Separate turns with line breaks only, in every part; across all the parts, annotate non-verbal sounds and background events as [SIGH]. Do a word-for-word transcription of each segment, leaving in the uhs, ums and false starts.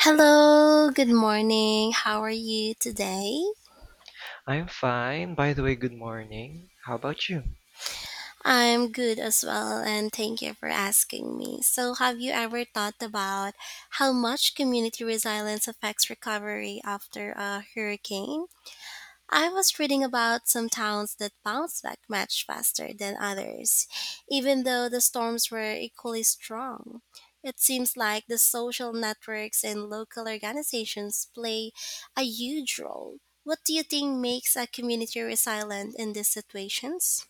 Hello, good morning. How are you today?
I'm fine. By the way, good morning. How about you?
I'm good as well, and thank you for asking me. So, have you ever thought about how much community resilience affects recovery after a hurricane? I was reading about some towns that bounced back much faster than others, even though the storms were equally strong. It seems like the social networks and local organizations play a huge role. What do you think makes a community resilient in these situations?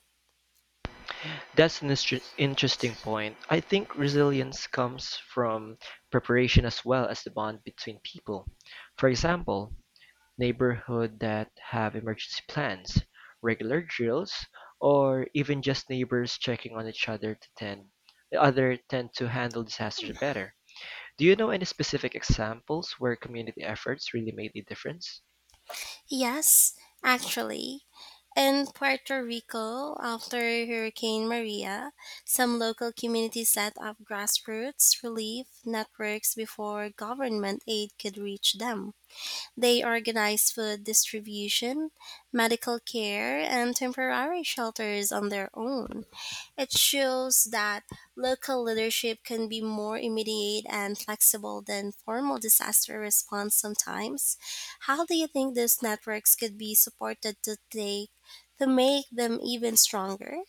That's an instr- interesting point. I think resilience comes from preparation as well as the bond between people. For example, neighborhood that have emergency plans, regular drills, or even just neighbors checking on each other to tend the other tend to handle disasters better. Do you know any specific examples where community efforts really made a difference?
Yes, actually. In Puerto Rico, after Hurricane Maria, some local communities set up grassroots relief networks before government aid could reach them. They organized food distribution, medical care, and temporary shelters on their own. It shows that local leadership can be more immediate and flexible than formal disaster response sometimes. How do you think these networks could be supported to take to make them even stronger?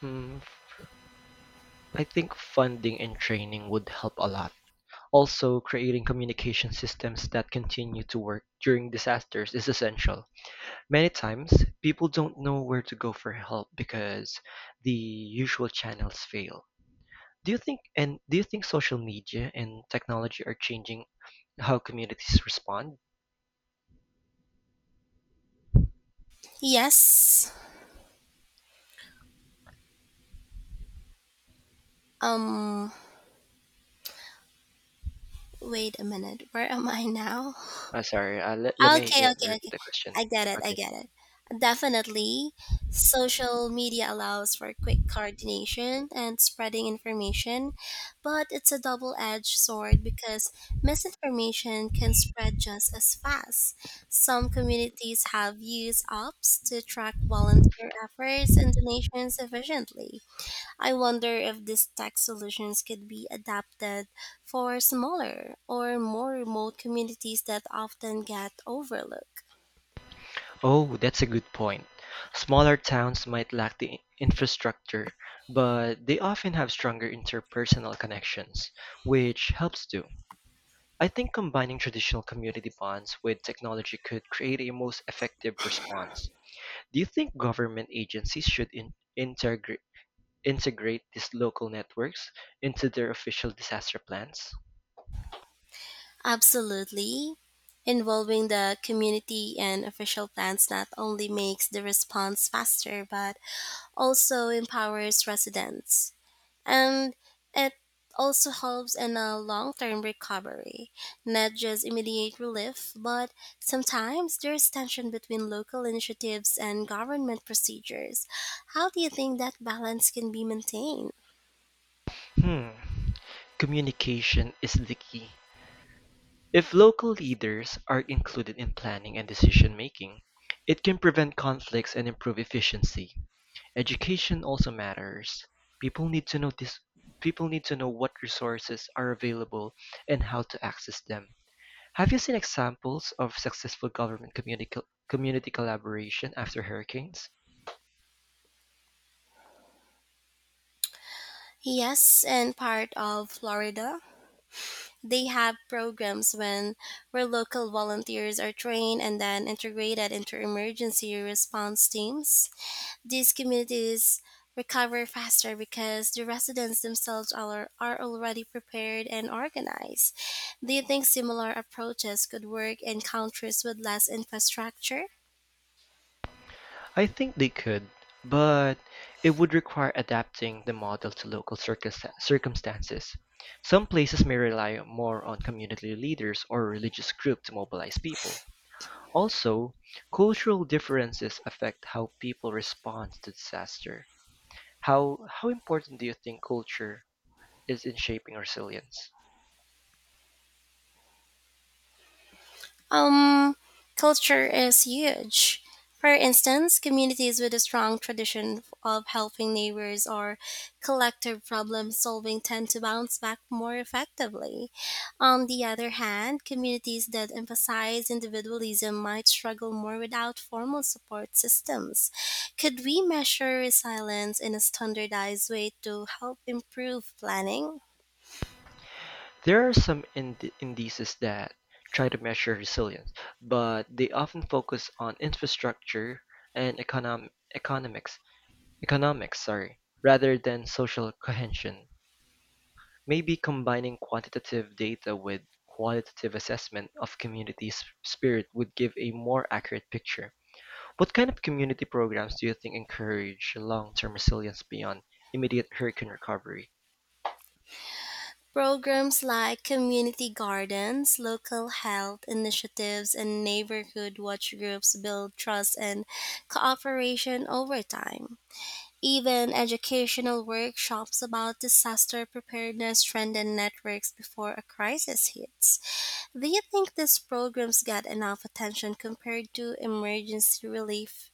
Hmm, I think funding and training would help a lot. Also, creating communication systems that continue to work during disasters is essential. Many times, people don't know where to go for help because the usual channels fail. Do you think and do you think social media and technology are changing how communities respond?
Yes. Um Wait a minute. Where am I now?
Uh, sorry, uh, let, let me
Okay,
let me
okay,
repeat
okay.
the question.
I get it. I
Okay.
get it. Definitely, social media allows for quick coordination and spreading information, but it's a double edged sword because misinformation can spread just as fast. Some communities have used apps to track volunteer efforts and donations efficiently. I wonder if these tech solutions could be adapted for smaller or more remote communities that often get overlooked.
Oh, that's a good point. Smaller towns might lack the i- infrastructure, but they often have stronger interpersonal connections, which helps too. I think combining traditional community bonds with technology could create a most effective response. Do you think government agencies should in- integra- integrate these local networks into their official disaster plans?
Absolutely. Involving the community and official plans not only makes the response faster but also empowers residents, and it also helps in a long-term recovery, not just immediate relief. But sometimes there's tension between local initiatives and government procedures. How do you think that balance can be maintained?
Hmm. Communication is the key. If local leaders are included in planning and decision making, it can prevent conflicts and improve efficiency. Education also matters; people need to know this. People need to know what resources are available and how to access them. Have you seen examples of successful government community, community collaboration after hurricanes?
Yes, in part of Florida they have programs when where local volunteers are trained and then integrated into emergency response teams. These communities recover faster because the residents themselves are, are already prepared and organized. Do you think similar approaches could work in countries with less infrastructure?
I think they could, but it would require adapting the model to local circus- circumstances. Some places may rely more on community leaders or religious groups to mobilize people. Also, cultural differences affect how people respond to disaster. How how important do you think culture is in shaping resilience?
Um, Culture is huge. For instance, communities with a strong tradition of helping neighbors or collective problem solving tend to bounce back more effectively. On the other hand, communities that emphasize individualism might struggle more without formal support systems. Could we measure resilience in a standardized way to help improve planning?
There are some ind- indices that try to measure resilience, but they often focus on infrastructure and econom- economics, economics, sorry, rather than social cohesion. Maybe combining quantitative data with qualitative assessment of community s- spirit would give a more accurate picture. What kind of community programs do you think encourage long-term resilience beyond immediate hurricane recovery?
Programs like community gardens, local health initiatives, and neighborhood watch groups build trust and cooperation over time. Even educational workshops about disaster preparedness strengthen networks before a crisis hits. Do you think these programs get enough attention compared to emergency relief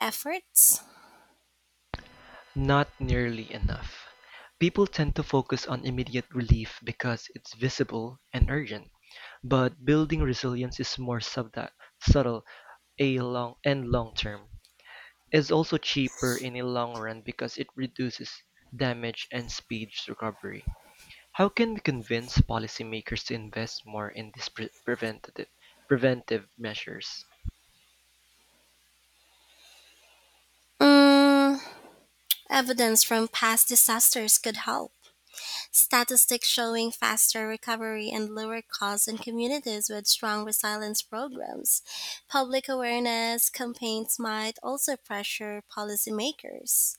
efforts?
Not nearly enough. People tend to focus on immediate relief because it's visible and urgent, but building resilience is more subtle a long and long term. It's also cheaper in the long run because it reduces damage and speeds recovery. How can we convince policymakers to invest more in these pre- preventative preventive measures?
Mm, Evidence from past disasters could help. Statistics showing faster recovery and lower costs in communities with strong resilience programs. Public awareness campaigns might also pressure policymakers.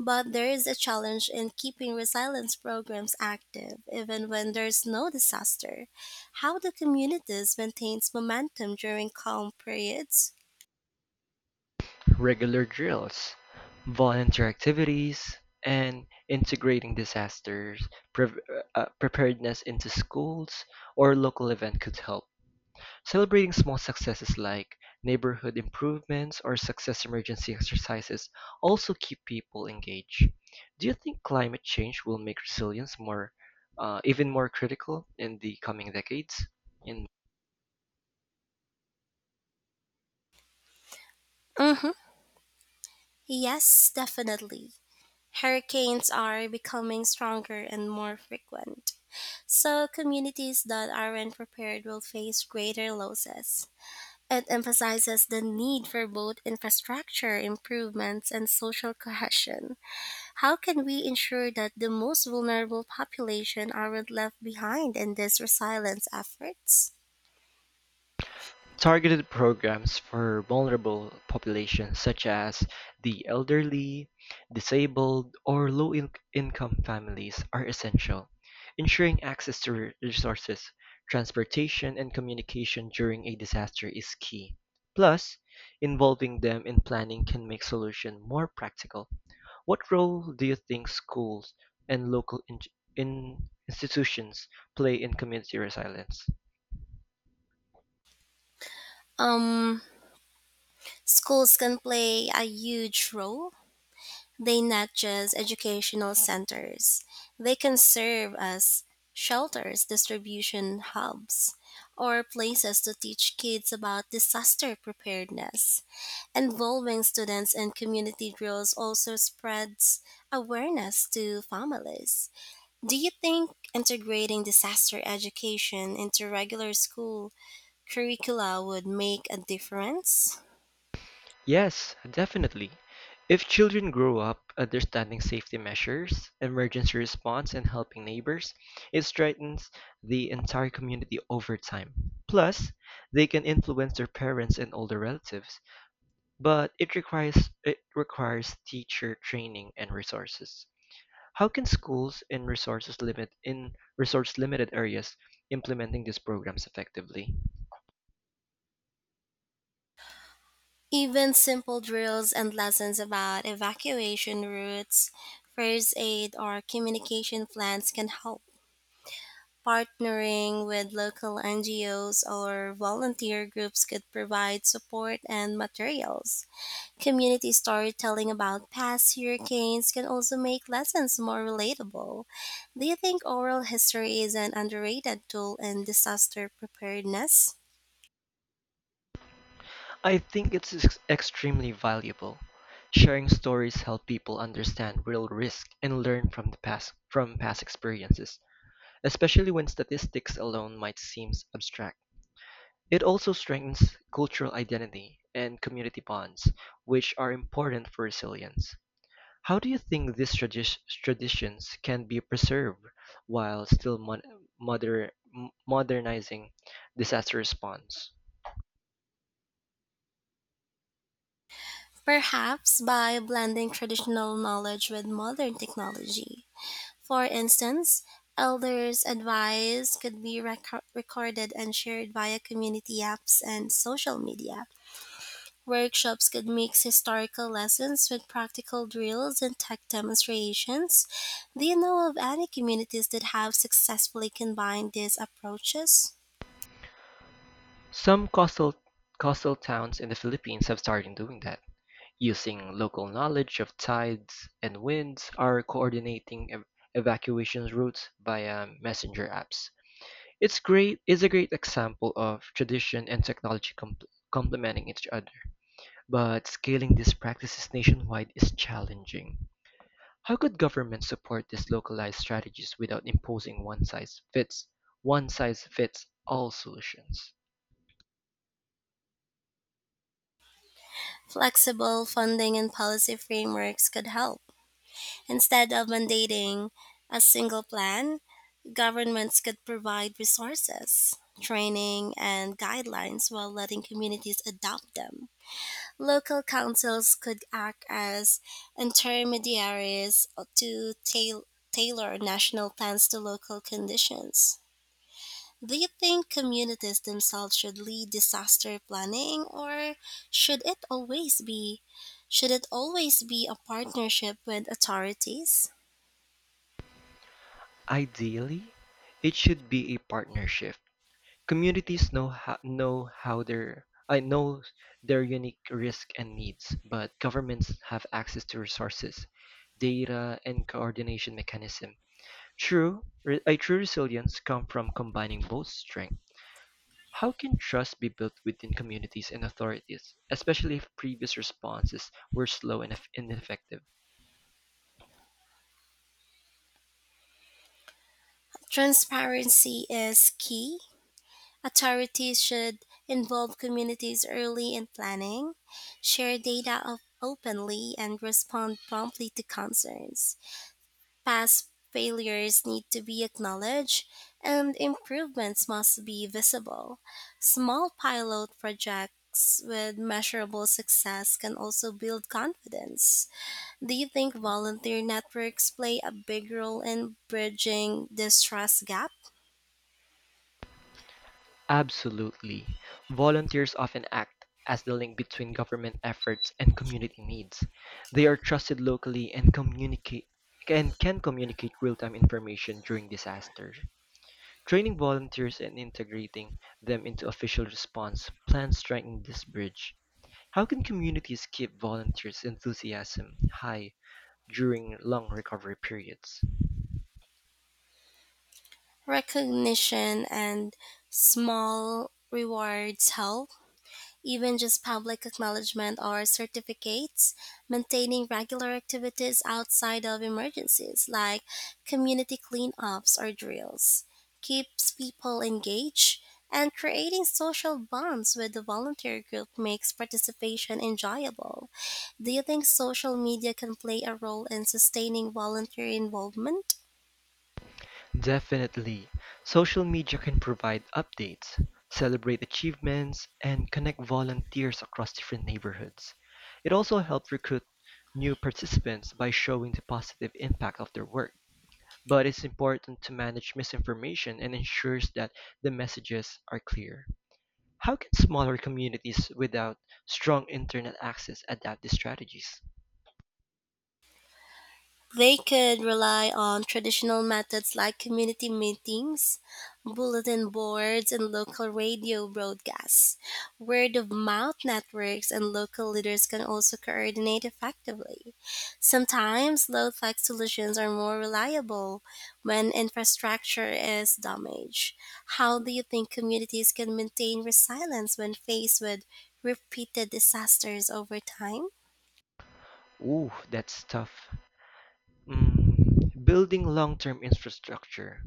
But there is a challenge in keeping resilience programs active even when there's no disaster. How do communities maintain momentum during calm periods?
Regular drills, volunteer activities, and integrating disasters prev- uh, preparedness into schools or local event could help. Celebrating small successes like neighborhood improvements or success emergency exercises also keep people engaged. Do you think climate change will make resilience more, uh, even more critical in the coming decades? In
hmm Yes, definitely. Hurricanes are becoming stronger and more frequent. So, communities that aren't prepared will face greater losses. It emphasizes the need for both infrastructure improvements and social cohesion. How can we ensure that the most vulnerable population aren't left behind in these resilience efforts?
Targeted programs for vulnerable populations such as the elderly, disabled, or low-income families are essential, ensuring access to re- resources, transportation, and communication during a disaster is key. Plus, involving them in planning can make solutions more practical what role do you think schools and local in in institutions play in community resilience?
Um, Schools can play a huge role. They not just educational centers, they can serve as shelters, distribution hubs, or places to teach kids about disaster preparedness. Involving students in community drills also spreads awareness to families. Do you think integrating disaster education into regular school curricula would make a difference?
Yes, definitely. If children grow up understanding safety measures, emergency response, and helping neighbors, it strengthens the entire community over time. Plus, they can influence their parents and older relatives, but it requires it requires teacher training and resources. How can schools in resources limit in resource limited areas implementing these programs effectively?
Even simple drills and lessons about evacuation routes, first aid, or communication plans can help. Partnering with local N G Os or volunteer groups could provide support and materials. Community storytelling about past hurricanes can also make lessons more relatable. Do you think oral history is an underrated tool in disaster preparedness?
I think it's ex- extremely valuable. Sharing stories help people understand real risk and learn from the past from past experiences, especially when statistics alone might seem abstract. It also strengthens cultural identity and community bonds, which are important for resilience. How do you think these tradi- traditions can be preserved while still mon- moder- m- modernizing disaster response?
Perhaps by blending traditional knowledge with modern technology. For instance, elders' advice could be reco- recorded and shared via community apps and social media. Workshops could mix historical lessons with practical drills and tech demonstrations. Do you know of any communities that have successfully combined these approaches?
Some coastal coastal towns in the Philippines have started doing that, using local knowledge of tides and winds, are coordinating ev- evacuation routes via messenger apps. It's great. It's a great example of tradition and technology compl complementing each other, but scaling these practices nationwide is challenging. How could governments support these localized strategies without imposing one-size-fits one-size-fits-all solutions?
Flexible funding and policy frameworks could help. Instead of mandating a single plan, governments could provide resources, training, and guidelines while letting communities adopt them. Local councils could act as intermediaries to tail- tailor national plans to local conditions. Do you think communities themselves should lead disaster planning, or should it always be should it always be a partnership with authorities?
Ideally, it should be a partnership. Communities know how, know how their I know their unique risk and needs, but governments have access to resources, data, and coordination mechanism. True, re- a true resilience comes from combining both strengths. How can trust be built within communities and authorities, especially if previous responses were slow and eff- ineffective?
Transparency is key. Authorities should involve communities early in planning, share data op- openly, and respond promptly to concerns. Past failures need to be acknowledged, and improvements must be visible. Small pilot projects with measurable success can also build confidence. Do you think volunteer networks play a big role in bridging this trust gap?
Absolutely. Volunteers often act as the link between government efforts and community needs. They are trusted locally and communicate and can communicate real-time information during disasters. Training volunteers and integrating them into official response plans strengthen this bridge. How can communities keep volunteers' enthusiasm high during long recovery periods?
Recognition and small rewards help. Even just public acknowledgement or certificates, maintaining regular activities outside of emergencies like community cleanups or drills keeps people engaged, and creating social bonds with the volunteer group makes participation enjoyable. Do you think social media can play a role in sustaining volunteer involvement?
Definitely. Social media can provide updates, celebrate achievements, and connect volunteers across different neighborhoods. It also helped recruit new participants by showing the positive impact of their work. But it's important to manage misinformation and ensures that the messages are clear. How can smaller communities without strong internet access adapt these strategies?
They could rely on traditional methods like community meetings, bulletin boards, and local radio broadcasts. Word of mouth networks and local leaders can also coordinate effectively. Sometimes low tech solutions are more reliable when infrastructure is damaged. How do you think communities can maintain resilience when faced with repeated disasters over time?
Ooh, that's tough. Mm, building long-term infrastructure.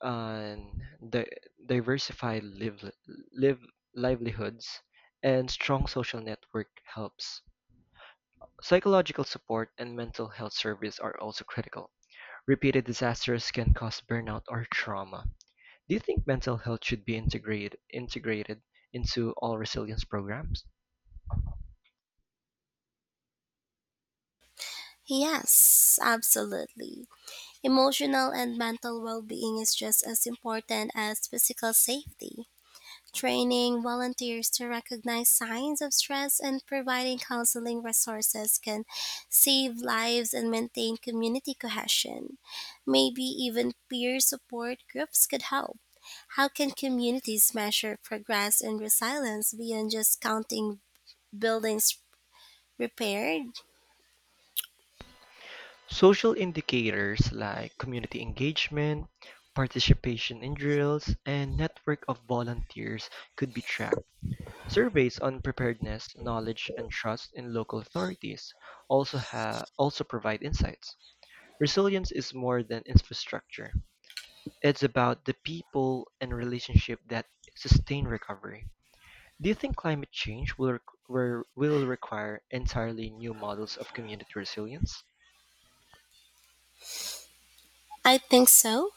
And di- diversified live, live livelihoods and strong social network helps. Psychological support and mental health service are also critical. Repeated disasters can cause burnout or trauma. Do you think mental health should be integrated integrated into all resilience programs?
Yes, absolutely. Emotional and mental well being is just as important as physical safety. Training volunteers to recognize signs of stress and providing counseling resources can save lives and maintain community cohesion. Maybe even peer support groups could help. How can communities measure progress and resilience beyond just counting buildings repaired?
Social indicators like community engagement, participation in drills, and network of volunteers could be tracked. Surveys on preparedness, knowledge, and trust in local authorities also ha- also provide insights. Resilience is more than infrastructure. It's about the people and relationship that sustain recovery. Do you think climate change will req- were- will require entirely new models of community resilience?
I think so.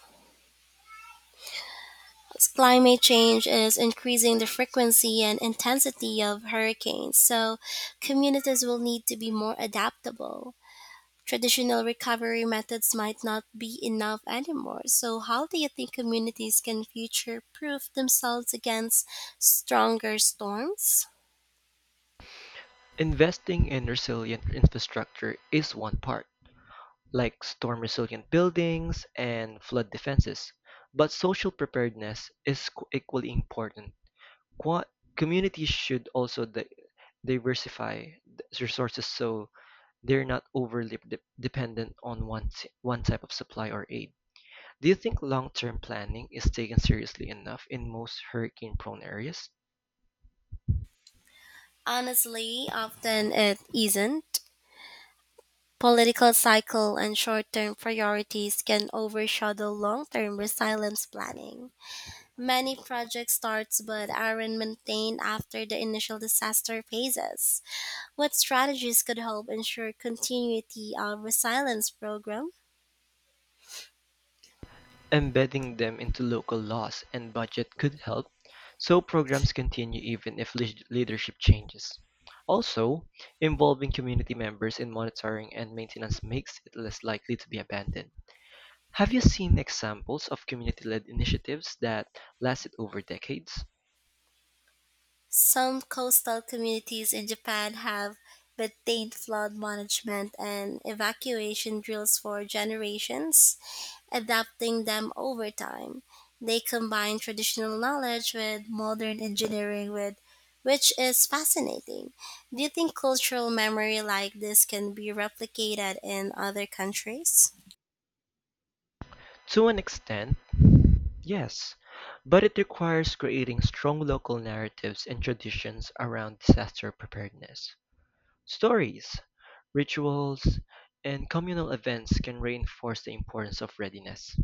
Climate change is increasing the frequency and intensity of hurricanes, so communities will need to be more adaptable. Traditional recovery methods might not be enough anymore. So, how do you think communities can future proof themselves against stronger storms?
Investing in resilient infrastructure is one part, like storm resilient buildings and flood defenses, but social preparedness is qu- equally important. Qua Communities should also di- diversify th- resources so they're not overly de- dependent on one, t- one type of supply or aid. Do you think long term planning is taken seriously enough in most hurricane prone areas?
Honestly, often it isn't. Political cycle and short term priorities can overshadow long term resilience planning. Many project starts but aren't maintained after the initial disaster phases. What strategies could help ensure continuity of resilience program?
Embedding them into local laws and budget could help, so programs continue even if leash- leadership changes. Also, involving community members in monitoring and maintenance makes it less likely to be abandoned. Have you seen examples of community-led initiatives that lasted over decades?
Some coastal communities in Japan have maintained flood management and evacuation drills for generations, adapting them over time. They combine traditional knowledge with modern engineering, with which is fascinating. Do you think cultural memory like this can be replicated in other countries?
To an extent, yes, but it requires creating strong local narratives and traditions around disaster preparedness. Stories, rituals, and communal events can reinforce the importance of readiness.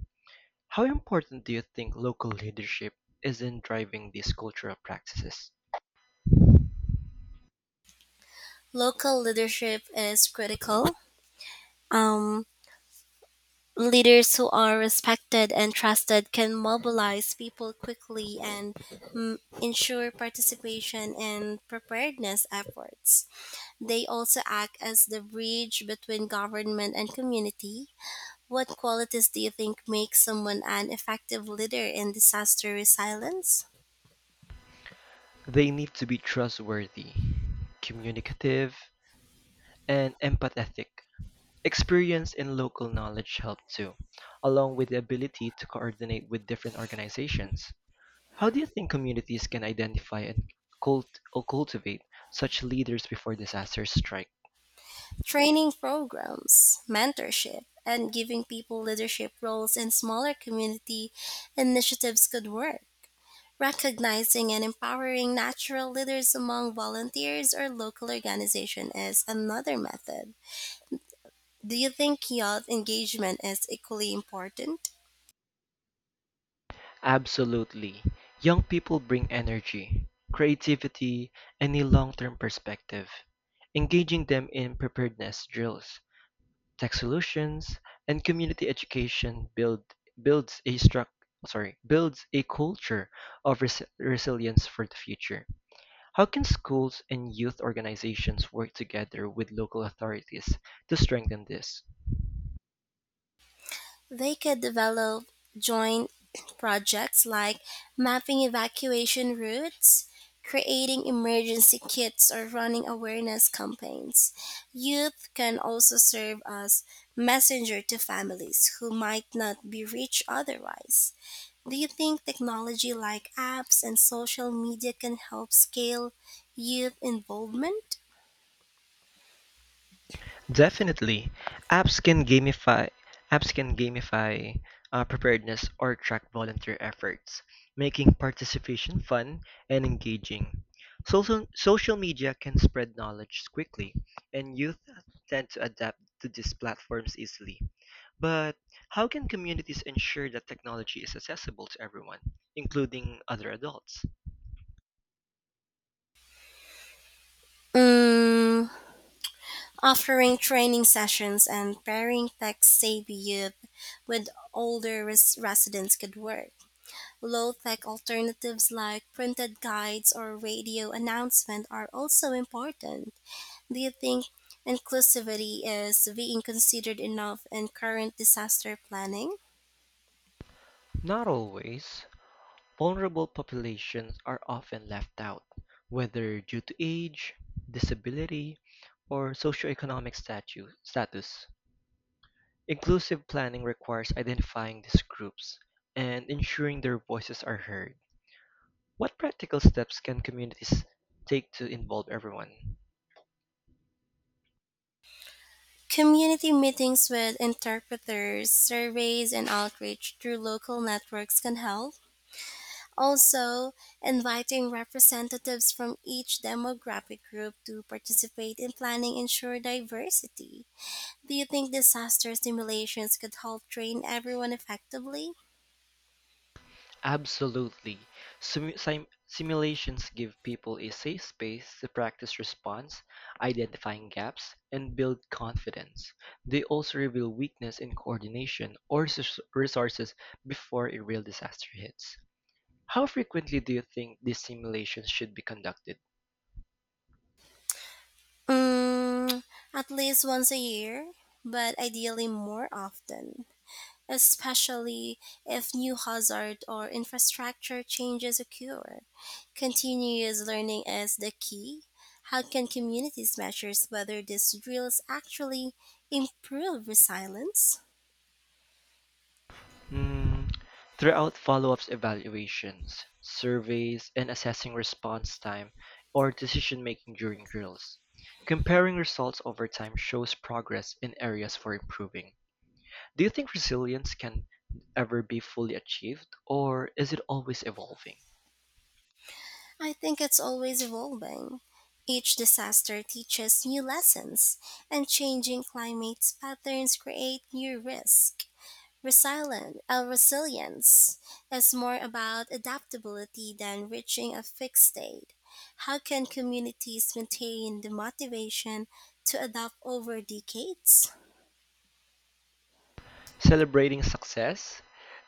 How important do you think local leadership is in driving these cultural practices?
Local leadership is critical. Um, Leaders who are respected and trusted can mobilize people quickly and, mm, ensure participation in preparedness efforts. They also act as the bridge between government and community. What qualities do you think make someone an effective leader in disaster resilience?
They need to be trustworthy, communicative, and empathetic. Experience and local knowledge help too, along with the ability to coordinate with different organizations. How do you think communities can identify and cult- or cultivate such leaders before disasters strike?
Training programs, mentorship, and giving people leadership roles in smaller community initiatives could work. Recognizing and empowering natural leaders among volunteers or local organizations is another method. Do you think youth engagement is equally important?
Absolutely. Young people bring energy, creativity, and a long term perspective. Engaging them in preparedness drills, tech solutions, and community education build, builds a struc- sorry, builds a culture of res- resilience for the future. How can schools and youth organizations work together with local authorities to strengthen this?
They could develop joint [CLEARS THROAT] projects like mapping evacuation routes, creating emergency kits, or running awareness campaigns. Youth can also serve as messenger to families who might not be reached otherwise. Do you think technology like apps and social media can help scale youth involvement?
Definitely. Apps can gamify apps can gamify uh, preparedness or track volunteer efforts, making participation fun and engaging. Social social media can spread knowledge quickly, and youth tend to adapt to these platforms easily. But how can communities ensure that technology is accessible to everyone, including other adults?
Mm, Offering training sessions and pairing tech-savvy youth with older res- residents could work. Low-tech alternatives like printed guides or radio announcement are also important. Do you think inclusivity is being considered enough in current disaster planning?
Not always. Vulnerable populations are often left out, whether due to age, disability, or socioeconomic statu- status. Inclusive planning requires identifying these groups and ensuring their voices are heard. What practical steps can communities take to involve everyone?
Community meetings with interpreters, surveys, and outreach through local networks can help. Also, inviting representatives from each demographic group to participate in planning ensure diversity. Do you think disaster simulations could help train everyone effectively?
Absolutely. Simu- sim- simulations give people a safe space to practice response, identifying gaps, and build confidence. They also reveal weakness in coordination or sus- resources before a real disaster hits. How frequently do you think these simulations should be conducted?
Mm, at least once a year, but ideally more often, especially if new hazard or infrastructure changes occur. Continuous learning is the key. How can communities measure whether these drills actually improve resilience?
Mm, throughout follow-ups evaluations, surveys, and assessing response time or decision-making during drills, comparing results over time shows progress in areas for improving. Do you think resilience can ever be fully achieved, or is it always evolving?
I think it's always evolving. Each disaster teaches new lessons, and changing climate patterns create new risks. Resilient, uh, resilience is more about adaptability than reaching a fixed state. How can communities maintain the motivation to adapt over decades?
Celebrating success,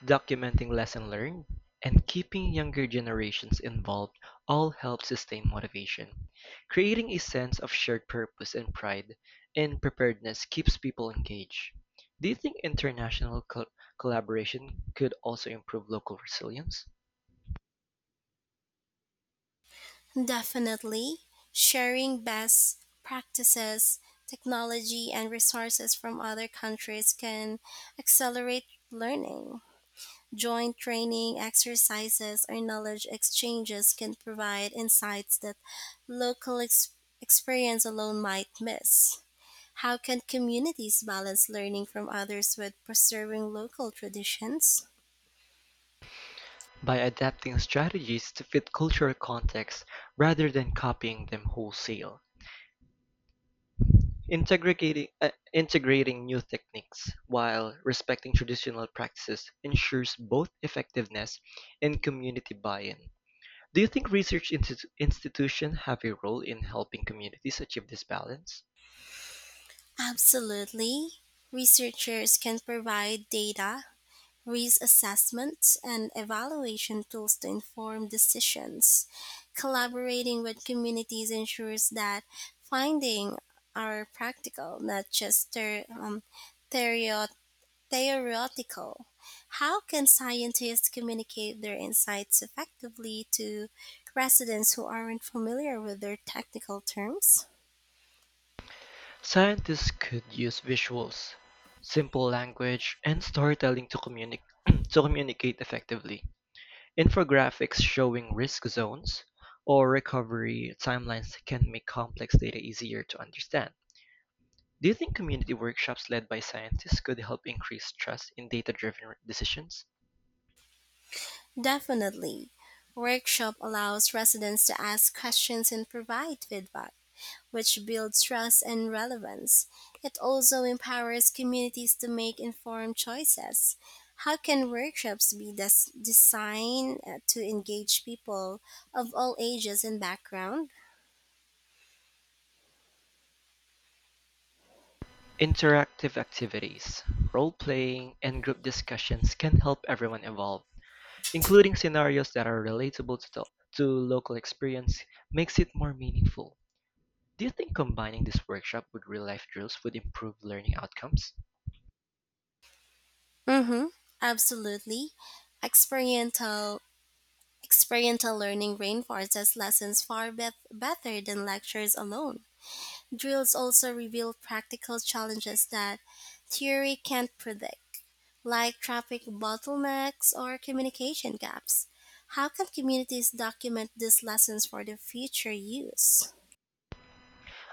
documenting lesson learned, and keeping younger generations involved all help sustain motivation. Creating a sense of shared purpose and pride in preparedness keeps people engaged. Do you think international col- collaboration could also improve local resilience?
Definitely, sharing best practices, technology, and resources from other countries can accelerate learning. Joint training exercises or knowledge exchanges can provide insights that local ex- experience alone might miss. How can communities balance learning from others with preserving local traditions?
By adapting strategies to fit cultural contexts rather than copying them wholesale. Integrating, uh, integrating new techniques while respecting traditional practices ensures both effectiveness and community buy-in. Do you think research institu- institutions have a role in helping communities achieve this balance?
Absolutely. Researchers can provide data risk assessment and evaluation tools to inform decisions. Collaborating with communities ensures that findings are practical, not just ther- um, theorio- theoretical. How can scientists communicate their insights effectively to residents who aren't familiar with their technical terms?
Scientists could use visuals, simple language, and storytelling to, communi- [CLEARS THROAT] to communicate effectively. Infographics showing risk zones or recovery timelines can make complex data easier to understand. Do you think community workshops led by scientists could help increase trust in data driven decisions?
Definitely. Workshop allows residents to ask questions and provide feedback, which builds trust and relevance. It also empowers communities to make informed choices. How can workshops be des- designed, uh, to engage people of all ages and background?
Interactive activities, role playing, and group discussions can help everyone evolve. Including scenarios that are relatable to, the- to local experience makes it more meaningful. Do you think combining this workshop with real life drills would improve learning outcomes?
Mm-hmm. Absolutely. Experiential Experiential learning reinforces lessons far bet better than lectures alone. Drills also reveal practical challenges that theory can't predict, like traffic bottlenecks or communication gaps. How can communities document these lessons for their future use?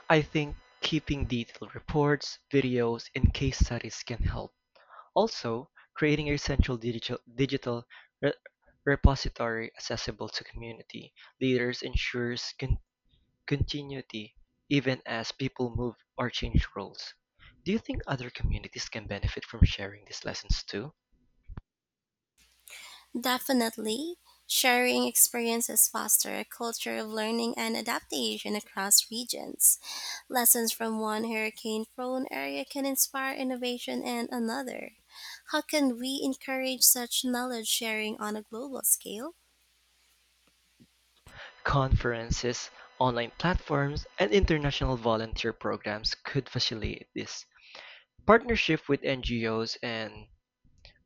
I think keeping detailed reports, videos, and case studies can help. Also, creating a central digital, digital re- repository accessible to community leaders ensures con- continuity even as people move or change roles. Do you think other communities can benefit from sharing these lessons too?
Definitely, sharing experiences foster a culture of learning and adaptation across regions. Lessons from one hurricane prone area can inspire innovation in another. How can we encourage such knowledge sharing on a global scale?
Conferences, online platforms, and international volunteer programs could facilitate this. Partnership with N G Os and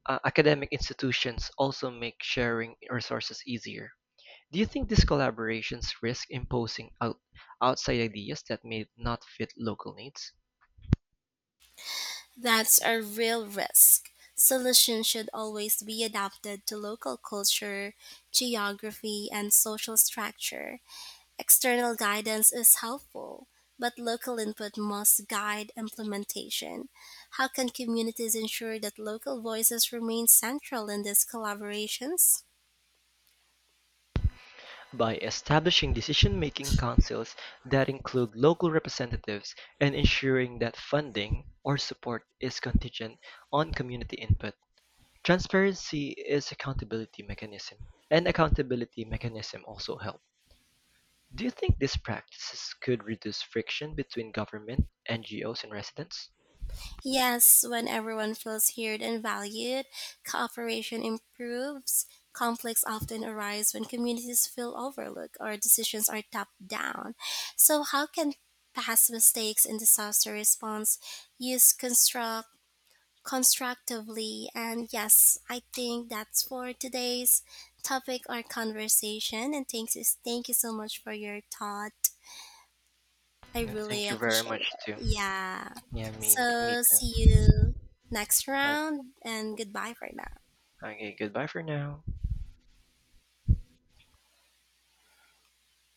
uh, academic institutions also make sharing resources easier. Do you think these collaborations risk imposing out, outside ideas that may not fit local needs?
That's a real risk. Solutions should always be adapted to local culture, geography, and social structure. External guidance is helpful, but local input must guide implementation. How can communities ensure that local voices remain central in these collaborations?
By establishing decision making councils that include local representatives and ensuring that funding or support is contingent on community input, transparency is accountability mechanism. And accountability mechanism also help. Do you think these practices could reduce friction between government, N G Os, and residents?
Yes, when everyone feels heard and valued, cooperation improves. Conflicts often arise when communities feel overlooked or decisions are top down. So, how can past mistakes in disaster response use construct constructively? And yes, I think that's for today's topic or conversation. And thanks, thank you so much for your thought. I
Uh, Thank
really
you very
appreciate it.
much too.
Yeah.
Yeah, me, me
So see
too.
you next
Like,
round, and goodbye for now.
okay, goodbye for now.